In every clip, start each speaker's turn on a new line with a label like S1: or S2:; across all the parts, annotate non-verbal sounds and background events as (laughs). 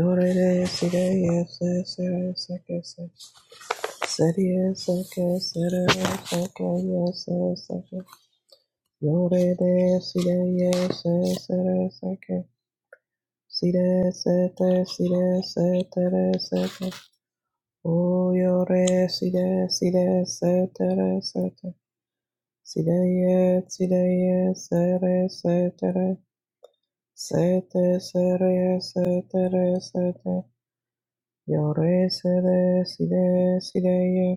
S1: Oh, yore, sida, sida, setara, setara. Sidaya, Sidaya, Sara, Satara, Sata, Saraya, Satara, Sata, Yore, Sada, Sida, Sidaya,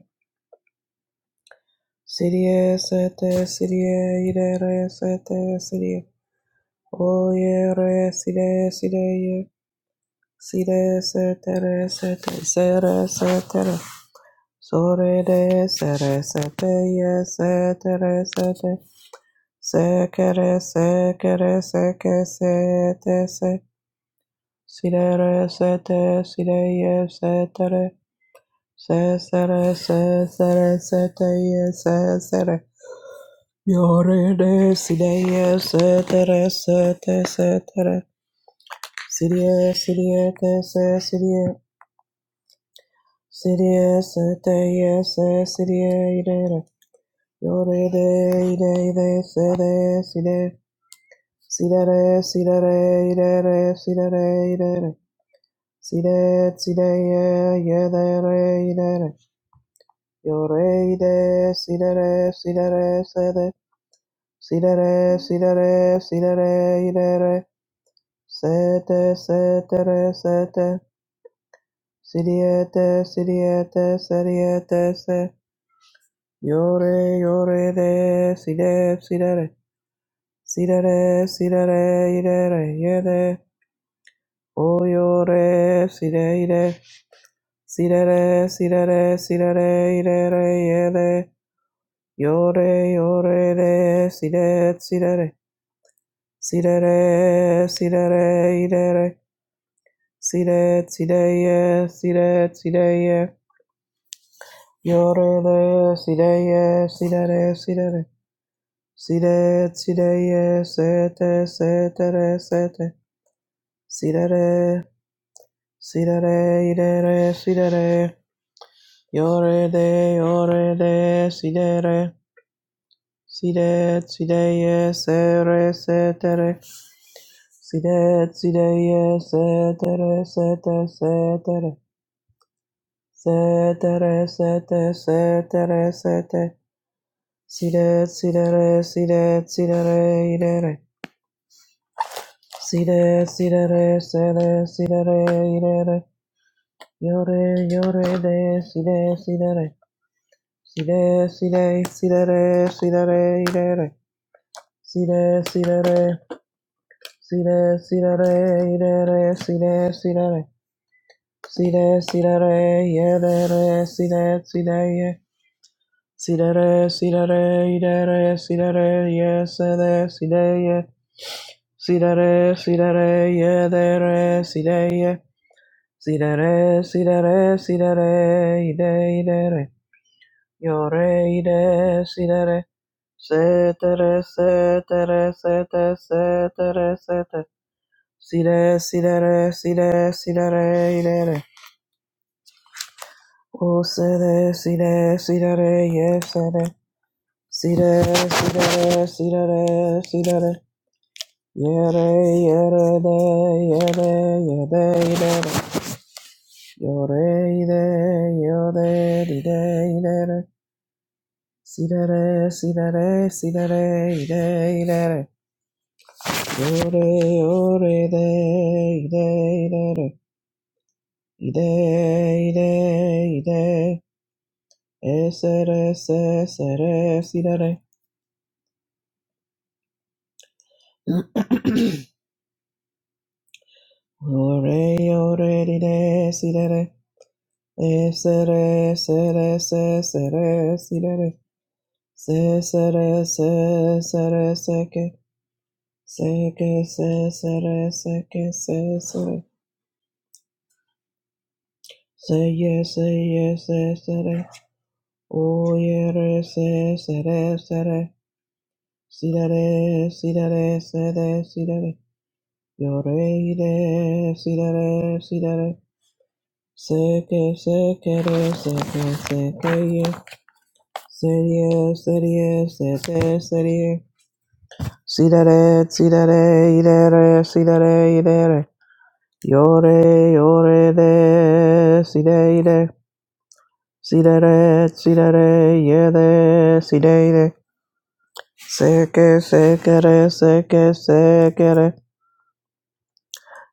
S1: Sidia, Sata, Sidia, Idara, Sata, Sidia, Oyere, Sida, Sidaya, Sida, Satara, Sata, Sara, Satara, Sore, De, Sara, Sataya, Satara, Sata, Se quiere, se quiere, se que se te se. Si re re, se te, si re ye, se te re. Se se re, se se re, se te ye, se se re. Yo re re, si re ye, se te re, se te, se te re. Si re, si re, te se, si re. Si re, se te ye, se, si re, i re re. Yo re re, re, re, se re, si re. See that ass, see that ass, that ass, see that ass, that ass. See that, see that, yeah, yeah, that ass, that ass. Your ass, that ass, see that ass, see that ass, that ass. See that ass, see that ass, see that ass, that ass. Set that, set that ass, set that. See the ass, that, see the ass, that, set the ass, that, set. Your ass, your ass, ass, see that, see that ass. See that ass, see that ass, that ass, yeah, that. Oh, your ass, see that, yeah. Si da da, si da da, si da da, i da da, ye da, yo da, yo da da, si da, si da da, si da da, si da da, i da da, si da, si da ye, si da, si da ye, yo da da, si da ye, si da da, si da da, si da, si da ye, se te, se te re, se te, si da da, si da da, i da da, si da da, yo da da, yo da da, si da da. Side, side, yes, ere, setere. Side, side, yes, setere, sete, setere. Setere, sete, setere, sete. Side, sidere, side, sidere, idere. Side, sidere, sede, sidere, idere. Yore, yore, de, side, sidere. Side, side, sidere, sidere, idere. Side, sidere. See that, see that, eh, that, eh, see that, see that, eh. see that, see that, eh, yeah, that, eh, see that, see that, yeah. See that, eh, see that, eh, that, eh, see that, eh, yeah, say that, see that, yeah. See that, eh, see that, eh, yeah, that, eh, see that, yeah. See that, eh, see that, eh, see that, eh, that, that, eh. Your, eh, that, see that, eh. Say that, eh, say that, eh, say that, say that, eh, say that. See that, see that, see that, see that, Oh, see that, see that, see that, yes, see that. See that, see that, see that, see that. Yeah, yeah, yeah, yeah, yeah, yeah. Yore, yore, yore, yore, yore. See that, see that, see that, yore, yore. Yore, yore, yore, yore, yore. Esere, sere sidere. (clears throat) Ore, ore, dire, sidere. Esere, esere, esere, sidere. Sesere, sere seke. Seke, sesere, seke, sesere. Seye, seye, sesere. Oyere, sesere, sere. Sidere, sidere, sede, sidere. Yore, ire, sidere, sidere. Seke sekere seke sekeye seriye seriye sete seriye sidere sidere idere sidere idere yore yore de side ide sidere sidere yede side ide seke sekere seke sekere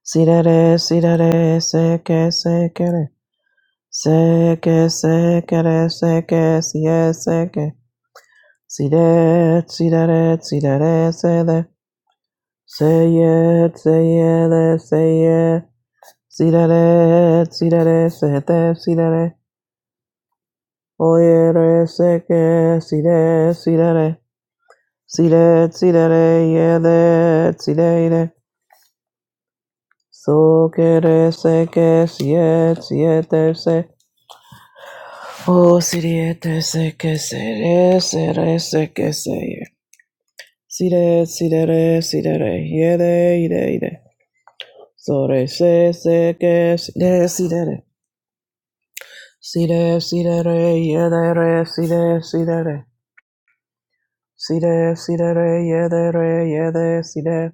S1: sidere sidere seke sekere seke sekere seke siye seke See that, see that, that, see that, that, say that, say yeah, say yeah, that, say yeah. See that, that, see that, that, say that, see that, that. Oh yeah, that, say yeah, see that, see that, that. See that, see that, that, yeah, that, see that, that. So que that, say que, see it, see it, that, say. Oh, see that, that, say que, say that, say that, say que, say yeah. See that, see that, that, see that, that, yeah, that, yeah, that, yeah. So re se se que si de si de re. Si de si de re ye de re si de si de re. Si de si de re ye de re ye de si de.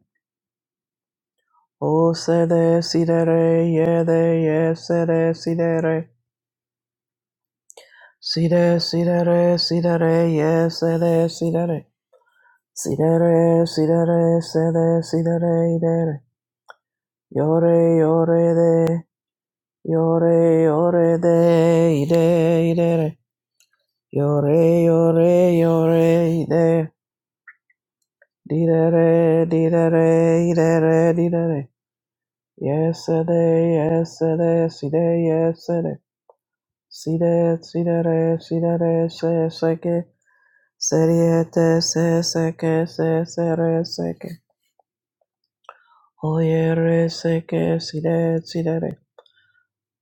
S1: O se de si de re ye de ye se de si de re. Si de si de re si de re ye se de si de re. Si de re si de re se de si de re de re. Yo re yo re de. Yo re yo re de i de i de re. Yore, yore, yore, de, di da re, di da re, de re, di da re. Yesterday, yesterday, si de, yesterday. Si de, si da re, si da re, se, se que. Seriete, se, se que, se, se re, se que. Oye, re, se que, si de, si da re.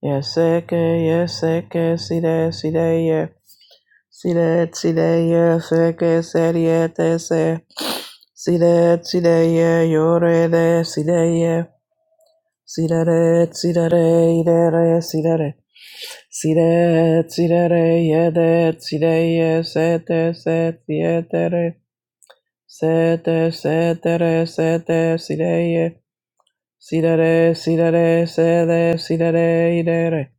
S1: Yes, se que, yes, se que, si de, si de, yeah. Sire, sire, se que serie te se. Sire, sire, yore de sire. Sire, sire, idere, sire. Sire, sire, yede, sire, sete, setietere. Sete, setere, sete, sire. Sire, sire, sede, sire, idere.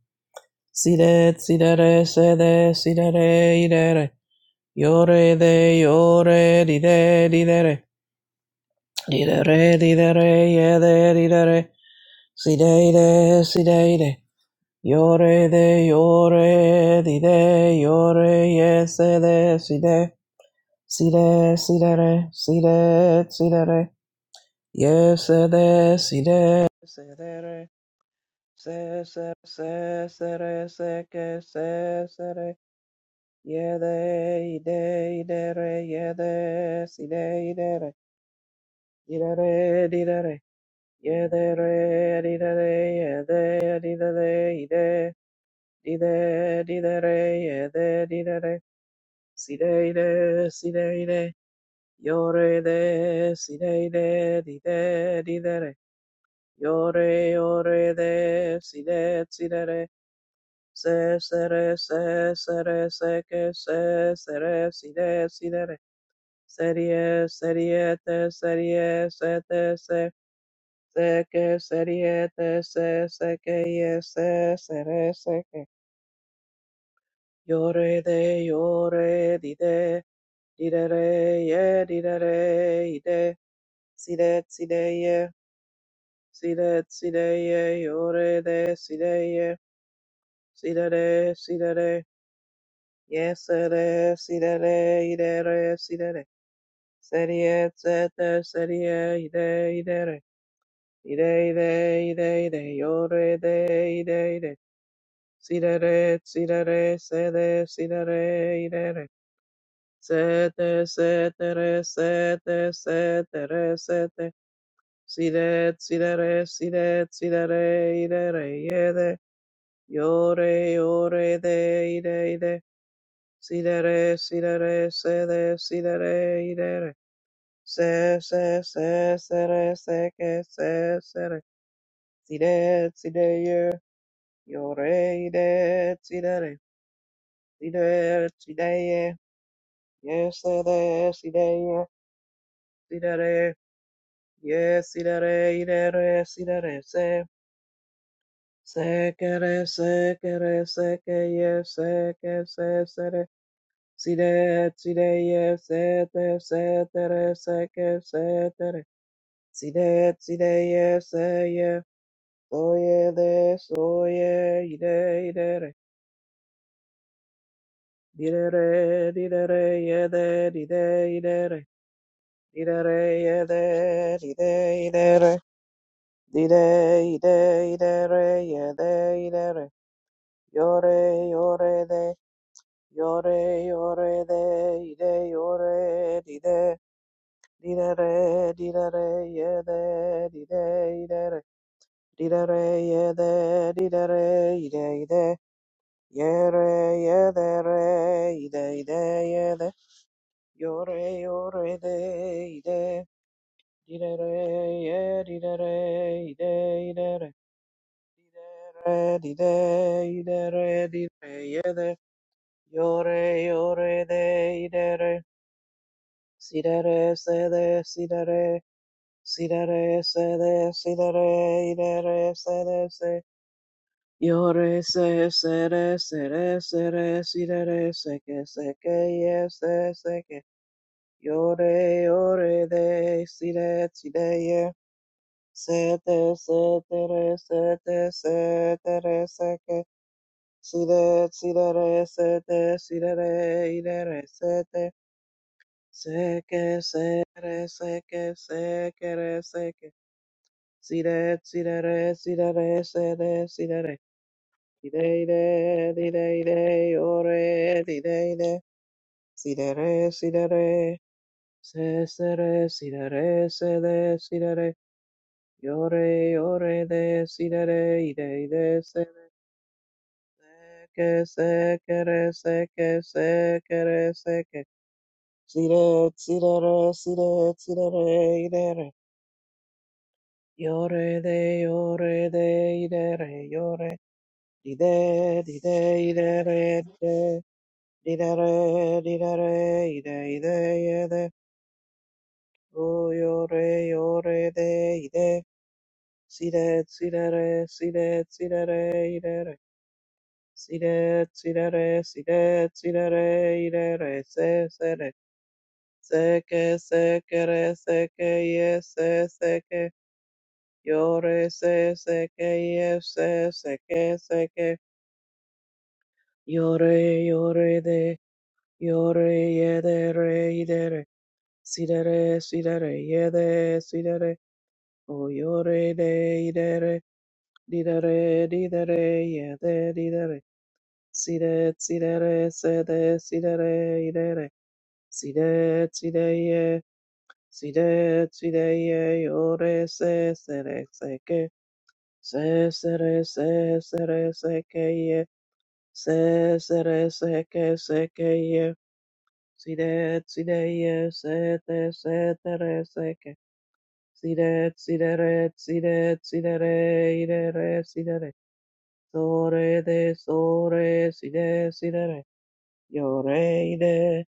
S1: Sire, sire, sede, sire, idere. Yore de yore di de di de re di de re di de re ye de di de re si de de si de de yore de yore di de yore ye se de si de si de si de re si de si de re ye se de si de se de re se se se se re se ke se se re ye de i de i de re ye de si de i de re Idare, didare, yedere, didare, yede, didare, ide, dide, didare, yede, didare, sideide, sideide, yore de, sideide, dide, didare, yore, yore de, side, sidere, se, sere, se, sere, seke, se, sere, side, sidere, serie, seriete, serie, sete, se, seke seriete se seke yese sere seke yore de yore dide didere ye didere ide side side ye side side ye yore de side ye sidere sidere yesere sidere idere sidere serie sete serie ide idere ide ide ide ide yore de ide ide Sidere, sidere, sede, sidere, idere. Sete, setere, sete, setere, sete. Sidet, sidere, sidet, sidere, idere, iede. Iore, iore, de, ide, ide. Sidere, sidere, sede, sidere, idere. Se, se, se, sere, seke, se, sere. Sidet, sideye, iore, ide, sidere. Sidet, sideye. Yes, ere, si de, si de re. Yes, si de re, i de re, si de re, se. Se que re, se que re, se que yes, se que se, se re. Si de, si de, yes, se te, se te re, se que se te re. Si de, si de, yes, se ye. Soye de, soye, i de, i de re. Di de re, di de re, ye de, di de, i de re. Di de re, ye de, di de, i de re. Dide, ide, ide, re, yede, ide, re. Yore, yore, de. Yore, yore, de. Ide, yore, dide. Dide, re, dide, re, yede, dide, ide, re. Dide, re, yede, dide, re, ide, ide. Yere, yede, re, ide, ide, yede. Yore, yore, de, ide. Dide, re, yede, dide, re, ide, ide, re. Re di de, i de re di re, ye de, yo re, yo re de, i de re, si de re, se de, si de re, si de re, se de, si de re, i de re, se de, se, yo re, se, se re, se re, se re, si de re, se que, se que, ye, se, se que, yo re, yo re de, si de, si de, ye, se te, se te re, se te, se te re, se que, Si re, si re re se te, si re re i re re se te, se que se re se que se que re se que, si re si re re si re re se re si re re, i re i re di re i re o re di re i re, si re re si re re, se se re si re re se de si re re, i o re i o re de si re re i re i re se re, se que se que re se que se que re se que Sire, sire, re, sire, sire, re, ire, re. Iore, de, iore, de, ire, re, iore. Dide, dide, ide, re, dide. Dide, re, dide, re, ide, ide, ide. O, iore, iore, de, ide. Sire, sire, re, sire, sire, re, ire, re. Sire, sire, re, sire, sire, re, ire, re, se, se, re. Se, que, se, que, re, se, que, ye, se, se, que. Yore se seke ye se seke seke. Yore yore de yore ye de re i de re. Si de re si de re ye de si de re. O yore de i de re. Di de re di de re ye de di de re. Si de si de re se de si de re i de re. Si de si de ye. Si de si de ye yore se se re seke. Se se re se se re se ke ye. Se se re se ke se ke ye. Si de si de ye se te se te re se ke. Si de si de re si de si de re i de re si de re. So re de so re si de si de re. Yo re i de.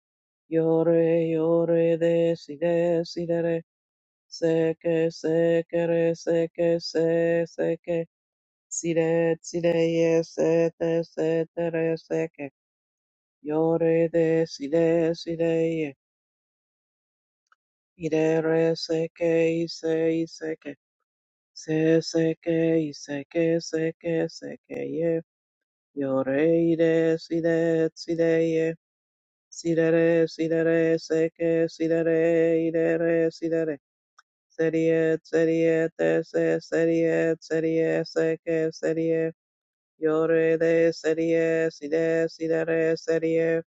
S1: Yo re yo re de si de si de re. se que se seke, re, se seke, se, se seke. Sire, sire, yes, sete, setere, seke. Yore de sire, sire, ye. Ire, re, seke, ise, iseke. Se, seke, iseke, seke, seke, ye. Yore, ire, sire, sire, ye. Sire, re, sire, re, seke, sire, re, ire, re, sire, re. Serie, serie, te, se, serie, serie, seke, serie. Yore de serie, side, sidere, serie.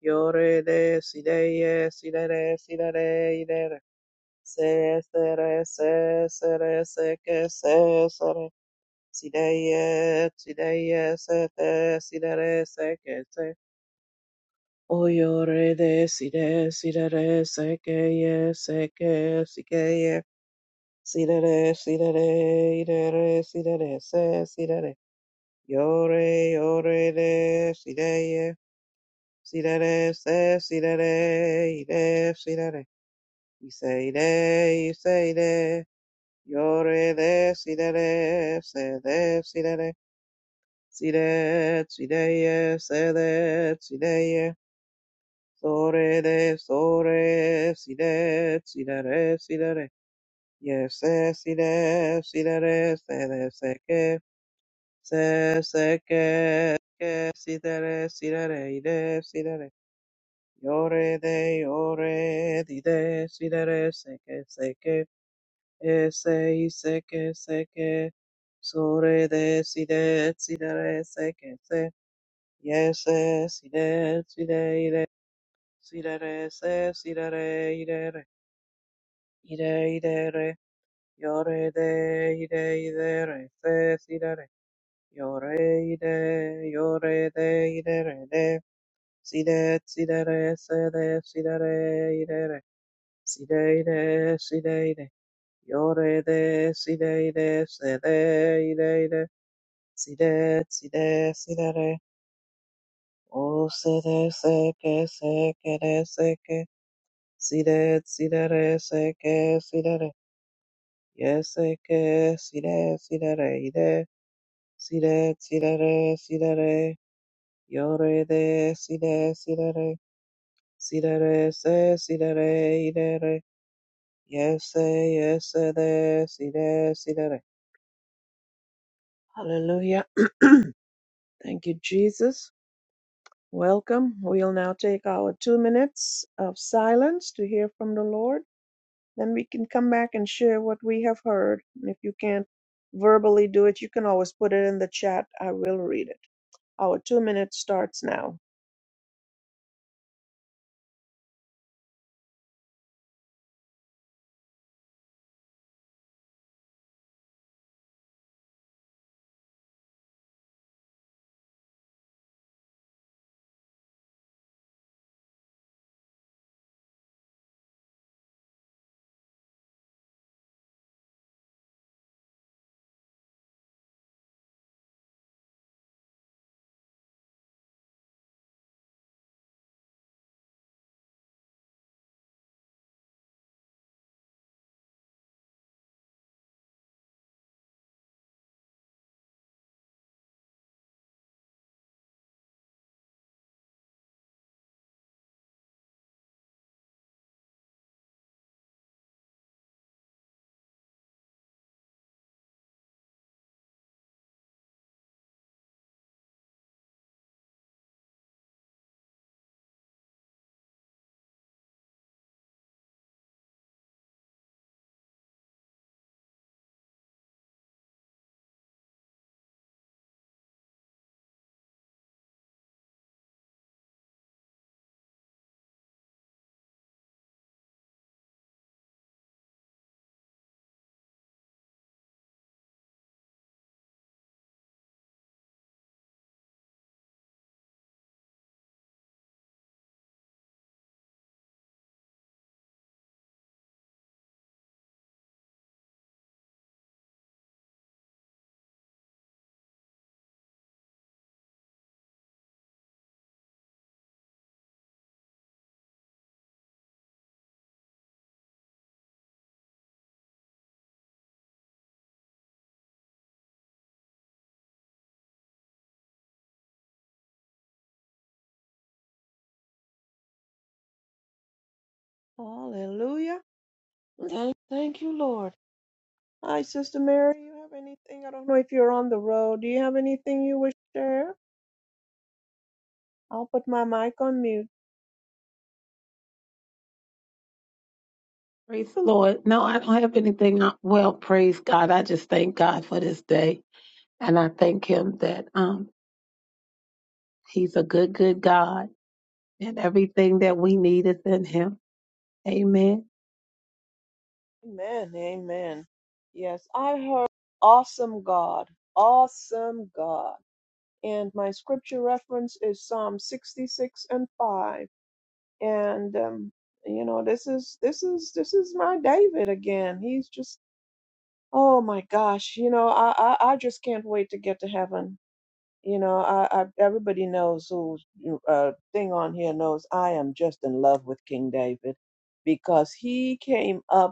S1: Yore de sideye, sidere, sidere, idere. Se, sere, se, sere, seke, se, sere. Sideye, sideye, sete, sidere, seke, se. O yore de side, sidere, sekeye, seke, sikeye. Sidere, sidere, idere, sidere, se, sidere. Yore, yore de sideye. Si da re, se, si da re, i re, si da re. I se, i re, i se, i re. Yo re de, si da re, se de, si da re. Si de, si de, ye, se de, si de, ye. So re de, so re, si de, si da re, si da re. Ye se, si de, si da re, se de, se que. Se, se que, que, si da re, si da re, i re, si da re. Yore de yore di de si de re seke seke e se i seke seke sore de si de si de re seke se ye se si de si de i si de re se si de re i re i de re yore de i de re se si de re yore i yore de i de re de si de si de re se de si de re i re Sideide, sideide, yorede, sideide, sedeide, side, side, sidere, o sede, seke, sekere, seke, side, sidere, seke, sidere, yeseke, side, sidere, ide, side, sidere, sidere, yorede, side, sidere, sidere, se, sidere, idere, yese, yesede, side, sidere. Hallelujah. (clears throat) Thank you, Jesus. Welcome. We'll now take our two minutes of silence to hear from the Lord. Then we can come back and share what we have heard. And if you can't verbally do it, you can always put it in the chat. I will read it. Our two minutes starts now. Hallelujah. Thank, thank you, Lord. Hi, Sister Mary. You have anything? I don't know if you're on the road. Do you have anything you wish to share? I'll put my mic on mute.
S2: Praise the Lord. No, I don't have anything. uh, Well, praise God. I just thank God for this day. And I thank Him that um, He's a good, good God. And everything that we need is in Him. Amen.
S1: Amen. Amen. Yes, I heard awesome God, awesome God. And my scripture reference is Psalm 66 and 5. And um, you know, this is this is this is my David again. He's just oh my gosh, you know, I I, I just can't wait to get to heaven. You know, I, I everybody knows who's uh thing on here knows I am just in love with King David because he came up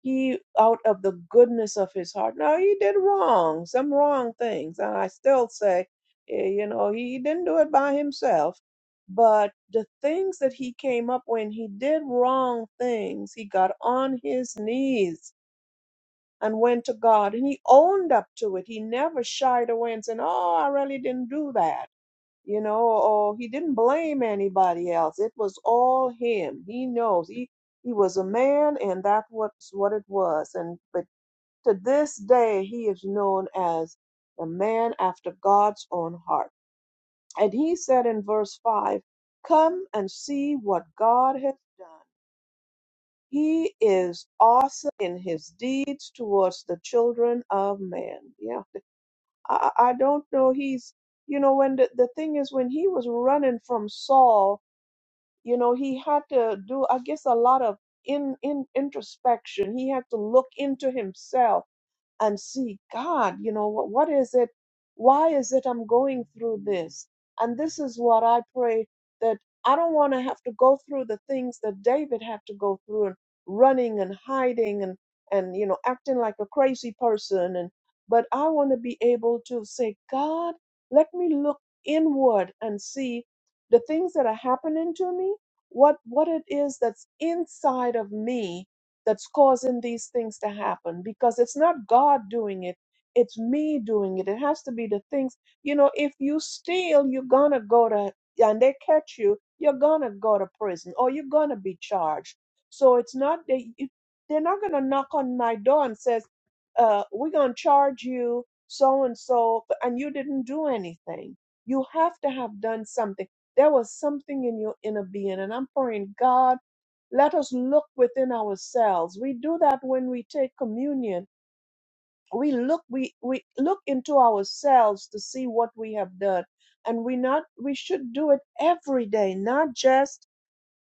S1: he, out of the goodness of his heart, no, he did wrong, some wrong things. And I still say, eh, you know, he didn't do it by himself. But the things that he came up when he did wrong things, he got on his knees and went to God and he owned up to it. He never shied away and said, Oh, I really didn't do that you know or he didn't blame anybody else it was all him he knows he he was a man and that was what it was and but to this day he is known as the man after god's own heart and he said in verse 5 come and see what god has done he is awesome in his deeds towards the children of man yeah i, I I don't know he's you know when the, the thing is when he was running from saul you know he had to do i guess a lot of in, in introspection he had to look into himself and see god you know what, what is it why is it i'm going through this and this is what i pray that i don't want to have to go through the things that david had to go through and running and hiding and and you know acting like a crazy person and but i want to be able to say god let me look inward and see the things that are happening to me what what it is that's inside of me that's causing these things to happen because it's not God doing it, it's me doing it. It has to be the things, you know, if you steal, you're gonna go to, and they catch you, you're gonna go to prison or you're gonna be charged. So it's not, they, it- they're not gonna knock on my door and says, uh, we're gonna charge you so and so, and you didn't do anything. You have to have done something. There was something in your inner being, and I'm praying, God. Let us look within ourselves. We do that when we take communion. We look we, we look into ourselves to see what we have done. And we not we should do it every day, not just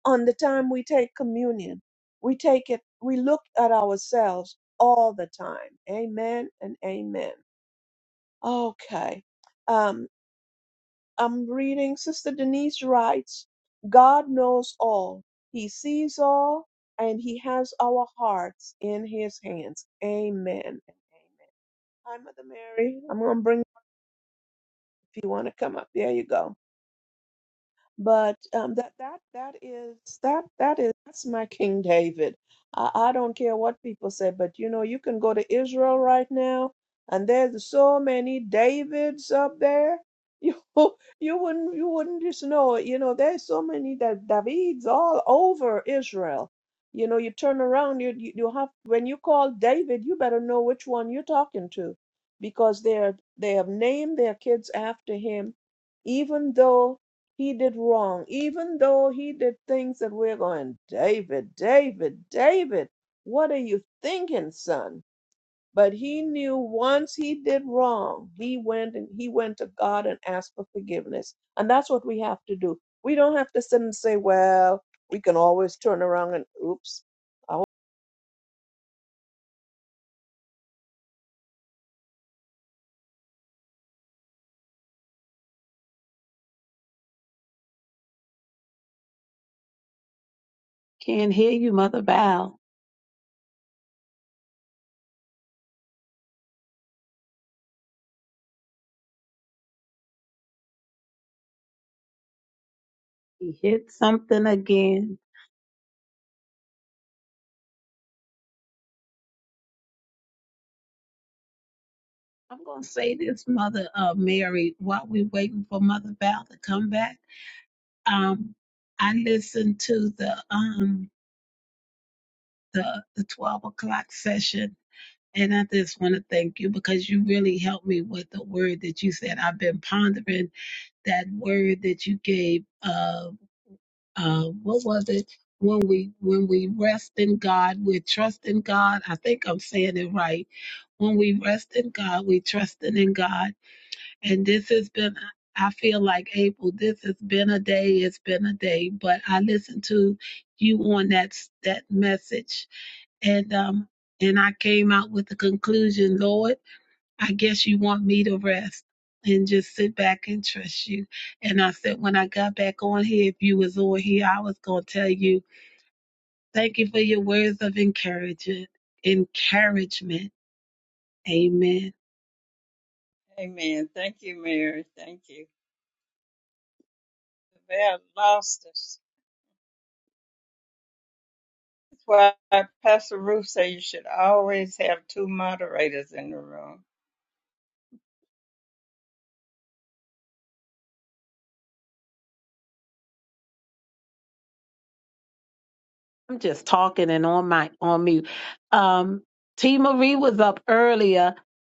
S1: on the time we take communion. We take it, we look at ourselves all the time. Amen and amen. Okay. Um. I'm reading Sister Denise writes, God knows all. He sees all and he has our hearts in his hands. Amen. Amen. Hi, Mother Mary. I'm gonna bring if you want to come up. There you go but um, that that that is that that is that's my King David. I, I don't care what people say, but you know you can go to Israel right now, and there's so many Davids up there. (laughs) You you wouldn't you wouldn't just know it. You know there's so many da- Davids all over Israel. You know you turn around you you you have when you call David you better know which one you're talking to, because they're they have named their kids after him, even though. He did wrong, even though he did things that we're going, David, David, David, what are you thinking, son? But he knew once he did wrong, he went and he went to God and asked for forgiveness. And that's what we have to do. We don't have to sit and say, well, we can always turn around and oops, I was
S2: Can't hear you, Mother Val. He hit something again. I'm going to say this, Mother uh, Mary, while we're waiting for Mother Val to come back. Um, I listened to the um the, the 12 o'clock session And I just want to thank you because you really helped me with the word that you said. I've been pondering that word that you gave. Uh, uh, what was it? When we when we rest in God, we trust in God. I think I'm saying it right. When we rest in God, we trusting in God. And this has been. I feel like April. This has been a day. It's been a day. But I listened to you on that that message, and um, and I came out with the conclusion, Lord. I guess you want me to rest and just sit back and trust you. And I said, when I got back on here, if you was on here, I was going to tell you, thank you for your words of encouragement. Encouragement. Amen.
S3: Amen. Thank you, Mary. Thank you. The bell lost us. That's why Pastor Ruth said you should always have two moderators in the room.
S2: I'm just talking and on my, on mute. Um, T Marie was up earlier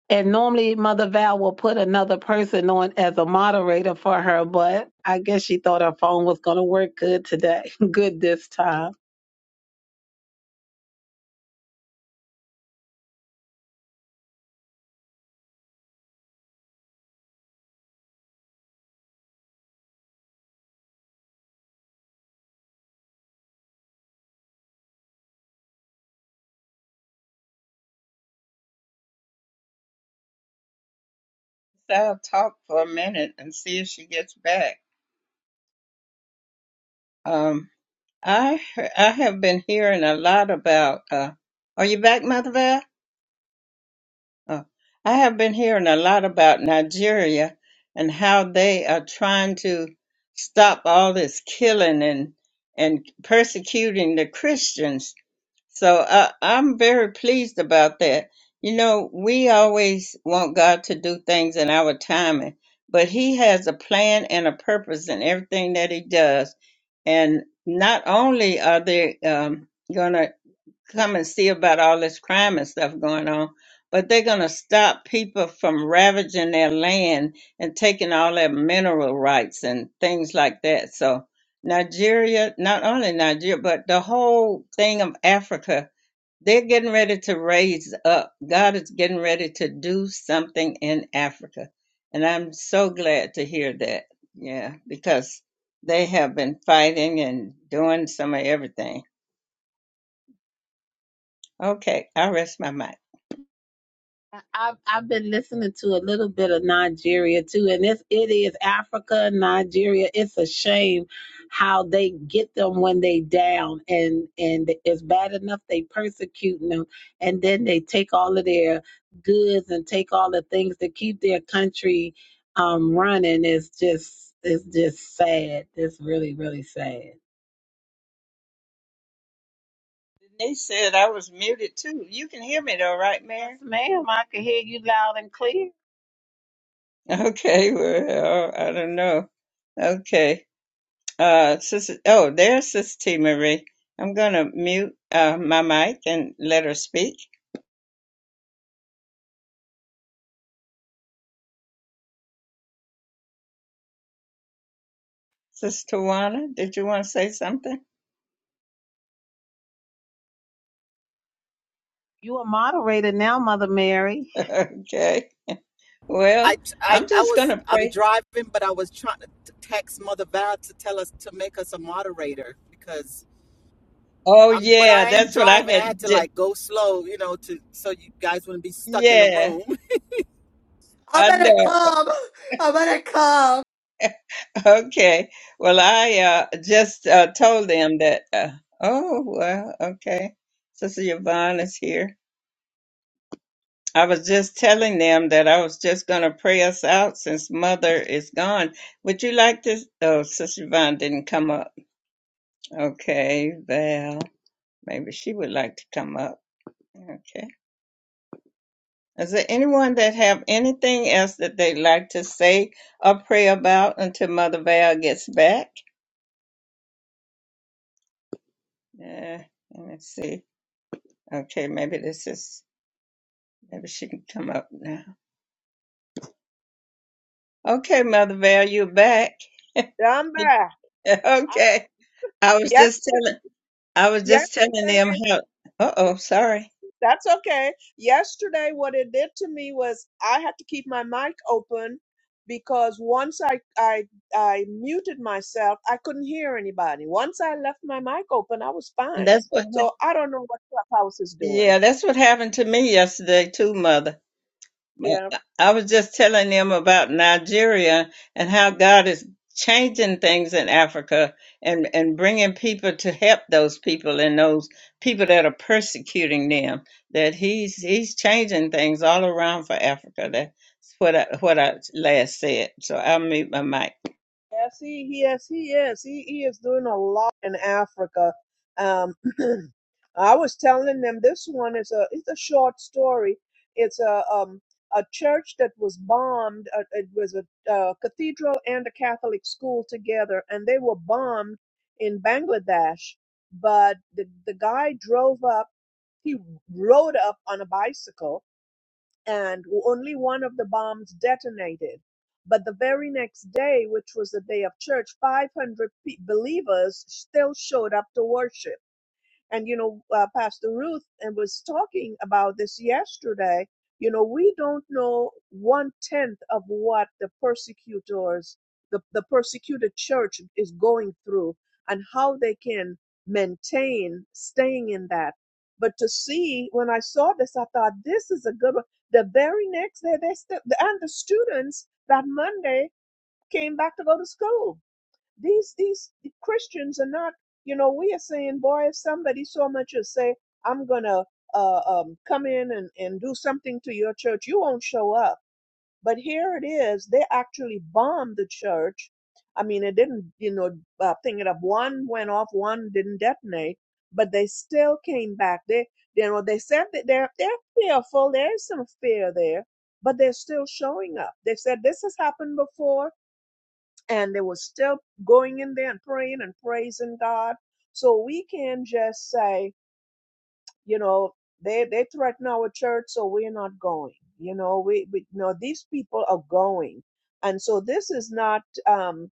S2: and normally Mother Val will put another person on as a moderator for her, but I guess she thought her phone was going to work good today. (laughs) good this time.
S3: So I'll talk for a minute and see if she gets back. Um, I he- I have been hearing a lot about. Uh, are you back, Mother Val? Oh, I have been hearing a lot about Nigeria and how they are trying to stop all this killing and and persecuting the Christians. So I, I'm very pleased about that. You know, we always want God to do things in our timing, but He has a plan and a purpose in everything that He does. And not only are they um, going to come and see about all this crime and stuff going on, but they're going to stop people from ravaging their land and taking all their mineral rights and things like that. So, Nigeria, not only Nigeria, but the whole thing of Africa they're getting ready to raise up. God is getting ready to do something in Africa. And I'm so glad to hear that. Yeah, because they have been fighting and doing some of everything. Okay, I rest my mic.
S2: I've I've been listening to a little bit of Nigeria too, and it's it is Africa, Nigeria. It's a shame how they get them when they down, and and it's bad enough they persecuting them, and then they take all of their goods and take all the things that keep their country um running. It's just it's just sad. It's really really sad.
S3: Denise said I was muted too. You can hear me though, right,
S2: Yes,
S3: Mary? (laughs)
S2: ma'am. I can hear you loud and clear.
S3: Okay, well, I don't know. Okay. Uh, Sister, oh, there's Sister T. Marie. I'm going to mute uh, my mic and let her speak. Sister Tawana, did you want to say something?
S2: You a moderator now, Mother Mary.
S3: (laughs) okay. Well,
S4: I, I,
S3: I'm
S4: I
S3: just going
S4: was,
S3: to
S4: I'm
S3: pray.
S4: driving, but I was trying to text Mother Val to tell us to make us a moderator because
S3: Oh,
S4: I'm, but
S3: yeah,
S4: I am
S3: that's what I
S4: driving. I
S3: had.
S4: had to
S3: ju-
S4: like go slow, you know, to, so you guys wouldn't be stuck in the
S3: Yeah,
S4: room.
S5: I
S3: I
S5: better
S3: know.
S5: come. I better come.
S3: Okay. Well, I uh, just uh, told them that, uh, oh, well, okay. Sister Yvonne is here. I was just telling them that I was just going to pray us out since Mother is gone. Would you like to? Oh, Sister Yvonne didn't come up. Okay, well, maybe she would like to come up. Okay. Is there anyone that have anything else that they'd like to say or pray about until Mother Val gets back? Uh, let me see. Okay, maybe this is maybe she can come up now. Okay, Mother Val, you're back. (laughs)
S1: down there. I-
S3: okay, I was
S1: Yes,
S3: just telling I was just telling
S1: yes,
S3: them how. Uh oh, sorry.
S1: That's okay. Yesterday, what it did to me was I had to keep my mic open because once I, I I muted myself, I couldn't hear anybody. Once I left my mic open, I was fine.
S3: That's what.
S1: So
S3: hap-
S1: I don't know what Clubhouse is doing.
S3: Yeah, that's what happened to me yesterday too, Mother.
S1: Yeah.
S3: Well, I was just telling them about Nigeria and how God is changing things in Africa and, and bringing people to help those people and those people that are persecuting them. That He's He's changing things all around for Africa. That's what I, what I last said. So I'll mute my mic.
S1: Yes, he, yes, he is. He, he is doing a lot in Africa. Um, (clears throat) I was telling them this one is a it's a short story. It's a um a church that was bombed. Uh, it was a uh, cathedral and a Catholic school together, and they were bombed in Bangladesh. But the the guy drove up. He rode up on a bicycle and only one of the bombs detonated. But the very next day, which was the day of church, 500 pe- believers still showed up to worship and, you know, uh, Pastor Ruth and was talking about this yesterday. You know, we don't know one tenth of what the persecutors, the, the persecuted church is going through and how they can maintain staying in that. But to see, when I saw this, I thought, this is a good one. The very next day, they st- and the students that Monday came back to go to school these these Christians are not, you know, we are saying, boy, if somebody so much as say, I'm gonna uh, um, come in and, and do something to your church, you won't show up. But here it is, they actually bombed the church. I mean, it didn't, you know, uh, thing it up. One went off, one didn't detonate, but they still came back. They, you know, they said that they're they're fearful. There's some fear there, but they're still showing up. They said this has happened before and they were still going in there and praying and praising God. So we can just say, you know they they threaten our church so we're not going you know we, we you know these people are going and so this is not um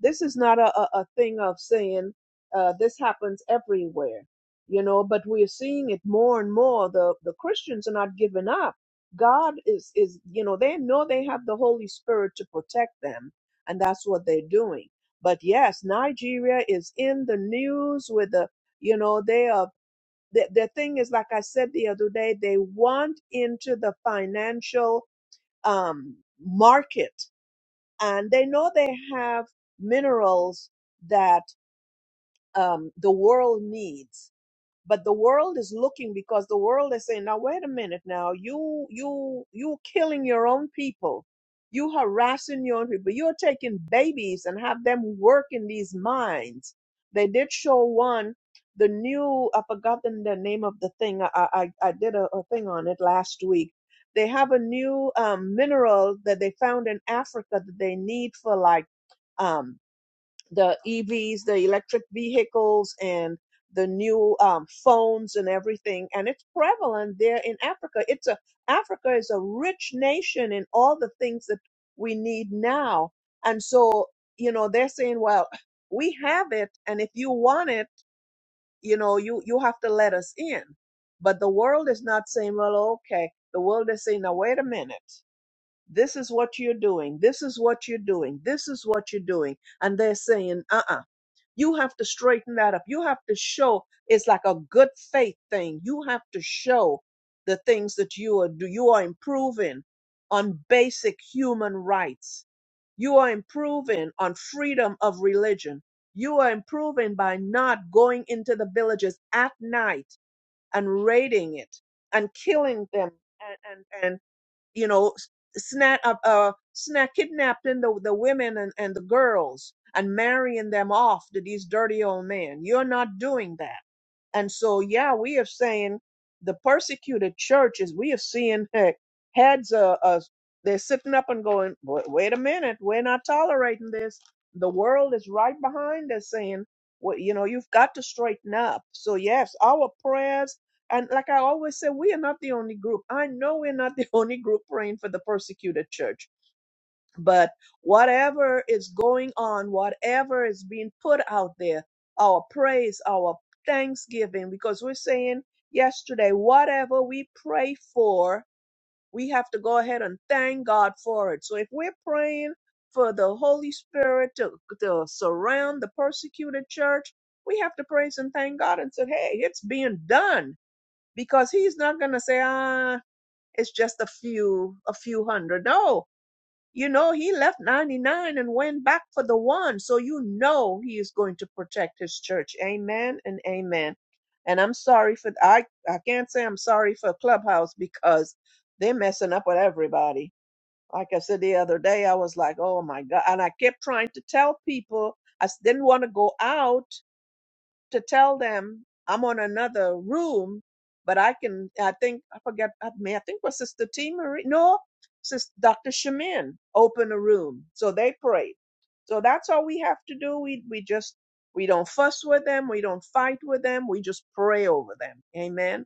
S1: this is not a, a, a thing of saying uh, this happens everywhere you know but we're seeing it more and more the the christians are not giving up god is is you know they know they have the holy spirit to protect them and that's what they're doing but yes nigeria is in the news with the you know they are the, the thing is, like I said the other day, they want into the financial um, market, and they know they have minerals that um, the world needs but the world is looking because the world is saying now wait a minute now you you you killing your own people you harassing your own people you're taking babies and have them work in these mines they did show one the new i've forgotten the name of the thing i i, I did a, a thing on it last week they have a new um, mineral that they found in africa that they need for like um, the EVs, the electric vehicles, and the new um, phones and everything. And it's prevalent there in Africa. It's a Africa is a rich nation in all the things that we need now. And so, you know, they're saying, well, we have it, and if you want it, you know, you you have to let us in. But the world is not saying, well, okay. The world is saying, now wait a minute. This is what you're doing. This is what you're doing. This is what you're doing. And they're saying, uh uh you have to straighten that up. You have to show it's like a good faith thing. You have to show the things that you are do. You are improving on basic human rights. You are improving on freedom of religion. You are improving by not going into the villages at night and raiding it and killing them and and and you know, snap, uh, uh, snap, kidnapping the, the women and, and the girls and marrying them off to these dirty old men. You're not doing that. And so, yeah, we are saying the persecuted churches, we are seeing heck, heads are, are they're sitting up and going, wait, wait a minute, we're not tolerating this. The world is right behind us saying, well, you know, you've got to straighten up. So, yes, our prayers, and like I always say, we are not the only group. I know we're not (laughs) the only group praying for the persecuted church but whatever is going on, whatever is being put out there, our praise, our thanksgiving, because we're saying yesterday, whatever we pray for, we have to go ahead and thank God for it. So if we're praying for the Holy Spirit to, to surround the persecuted church, we have to praise and thank God and say, hey, it's being done because he's not going to say, ah, it's just a few, a few hundred. No, you know, he left 99 and went back for the one. So you know he is going to protect his church. Amen and amen. And I'm sorry for I I can't say I'm sorry for Clubhouse because they're messing up with everybody. Like I said the other day, I was like, "Oh my God!" And I kept trying to tell people I s- didn't want to go out to tell them I'm on another room, but I can, I think, I forget, I mean, I think was Sister T. Marie, no, Sister Dr. Shemin opened a room. So they prayed. So that's all we have to do. We, we just, we don't fuss with them. We don't fight with them. We just pray over them. Amen.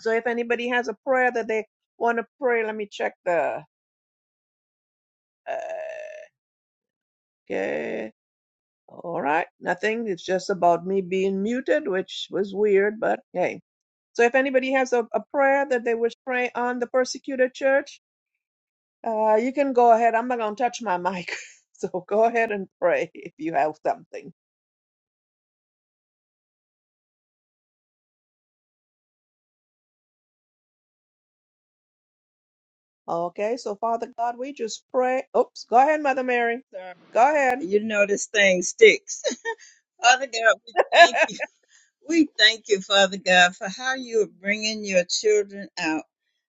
S1: So if anybody has a prayer that they want to pray, let me check the, uh, okay. All right, nothing. It's just about me being muted, which was weird, but hey. So if anybody has a, a prayer that they wish to pray on the persecuted church, uh, you can go ahead. I'm not gonna touch my mic. (laughs) So go ahead and pray if you have something. Okay, so Father God, we just pray. Oops, go ahead, Mother Mary.
S3: Sir,
S1: Go ahead.
S3: You know this thing sticks. (laughs) Father God, we
S1: (laughs)
S3: thank you. We thank you, Father God, for how you are bringing your children out,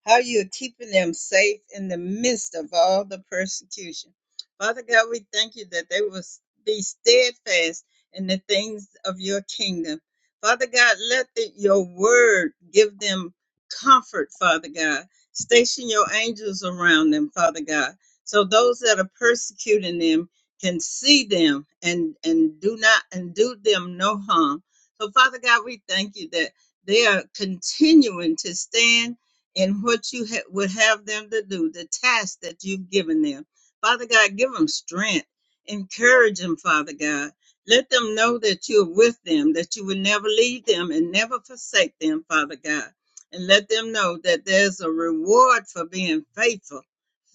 S3: how you are keeping them safe in the midst of all the persecution. Father God, we thank you that they will be steadfast in the things of your kingdom. Father God, let the, your word give them comfort, Father God. Station your angels around them, Father God, so those that are persecuting them can see them and, and do not and do them no harm. So, Father God, we thank you that they are continuing to stand in what you ha- would have them to do, the task that you've given them. Father God, give them strength. Encourage them, Father God. Let them know that you're with them, that you will never leave them and never forsake them, Father God. And let them know that there's a reward for being faithful,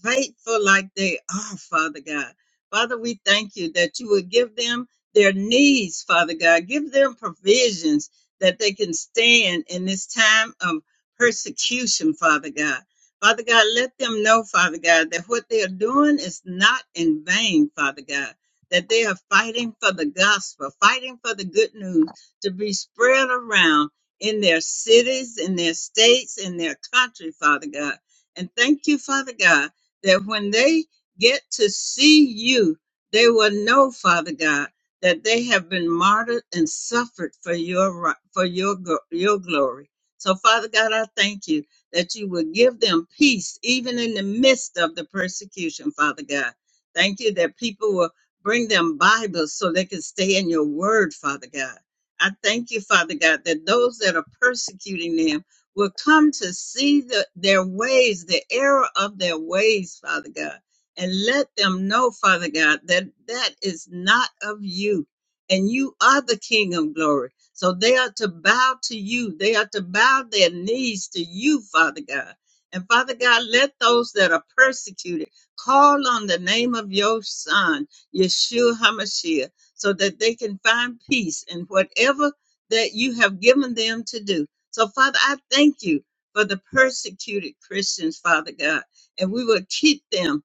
S3: faithful like they are, Father God. Father, we thank you that you would give them their needs, Father God. Give them provisions that they can stand in this time of persecution, Father God. Father God, let them know, Father God, that what they are doing is not in vain, Father God, that they are fighting for the gospel, fighting for the good news to be spread around in their cities, in their states, in their country, Father God. And thank you, Father God, that when they get to see you, they will know, Father God, that they have been martyred and suffered for your ri- for your gl- your glory. So Father God, I thank you that you would give them peace even in the midst of the persecution, Father God. Thank you that people will bring them Bibles so they can stay in your word, Father God. I thank you, Father God, that those that are persecuting them will come to see the, their ways, the error of their ways, Father God and let them know, Father God, that that is not of you. And you are the King of glory. So they are to bow to you. They are to bow their knees to you, Father God. And Father God, let those that are persecuted call on the name of your Son, Yeshua HaMashiach, so that they can find peace in whatever that you have given them to do. So, Father, I thank you for the persecuted Christians, Father God. And we will keep them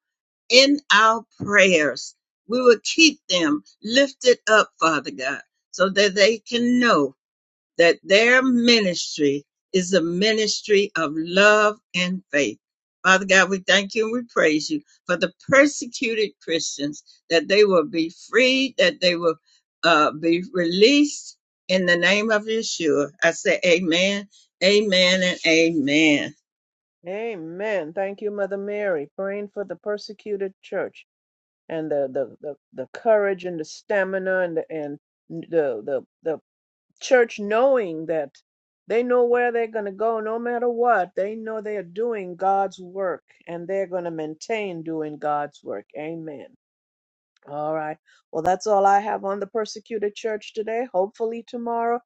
S3: in our prayers. We will keep them lifted up, Father God, so that they can know that their ministry is a ministry of love and faith. Father God, we thank you and we praise you for the persecuted Christians, that they will be freed, that they will uh, be released in the name of Yeshua. I say amen, amen, and amen.
S1: Amen. Thank you, Mother Mary, praying for the persecuted church and the the the, the courage and the stamina and the and the the the church knowing that they know where they're going to go no matter what. They know they are doing God's work and they're going to maintain doing God's work. Amen. All right. Well, that's all I have on the persecuted church today. Hopefully, tomorrow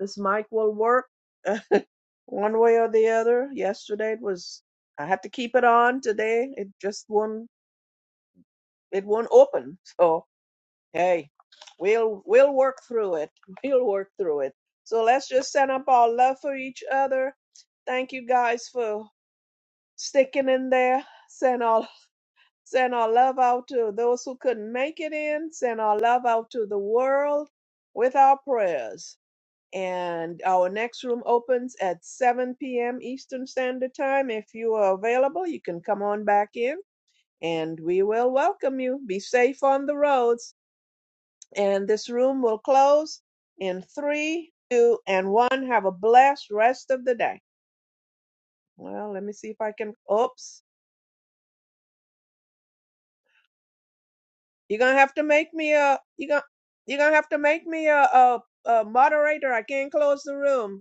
S1: this mic will work (laughs) one way or the other. Yesterday it was, I had to keep it on. Today it just won't, it won't open. So, hey, we'll we'll work through it. (laughs) We'll work through it. So let's just send up our love for each other. Thank you guys for sticking in there. Send our send our love out to those who couldn't make it in. Send our love out to the world with our prayers. And our next room opens at 7 p.m. Eastern Standard Time. If you are available, you can come on back in and we will welcome you. Be safe on the roads. And this room will close in three, two, and one. Have a blessed rest of the day. Well, let me see if I can. Oops, you're gonna have to make me a. You are gonna you're gonna have to make me a, a, a moderator. I can't close the room.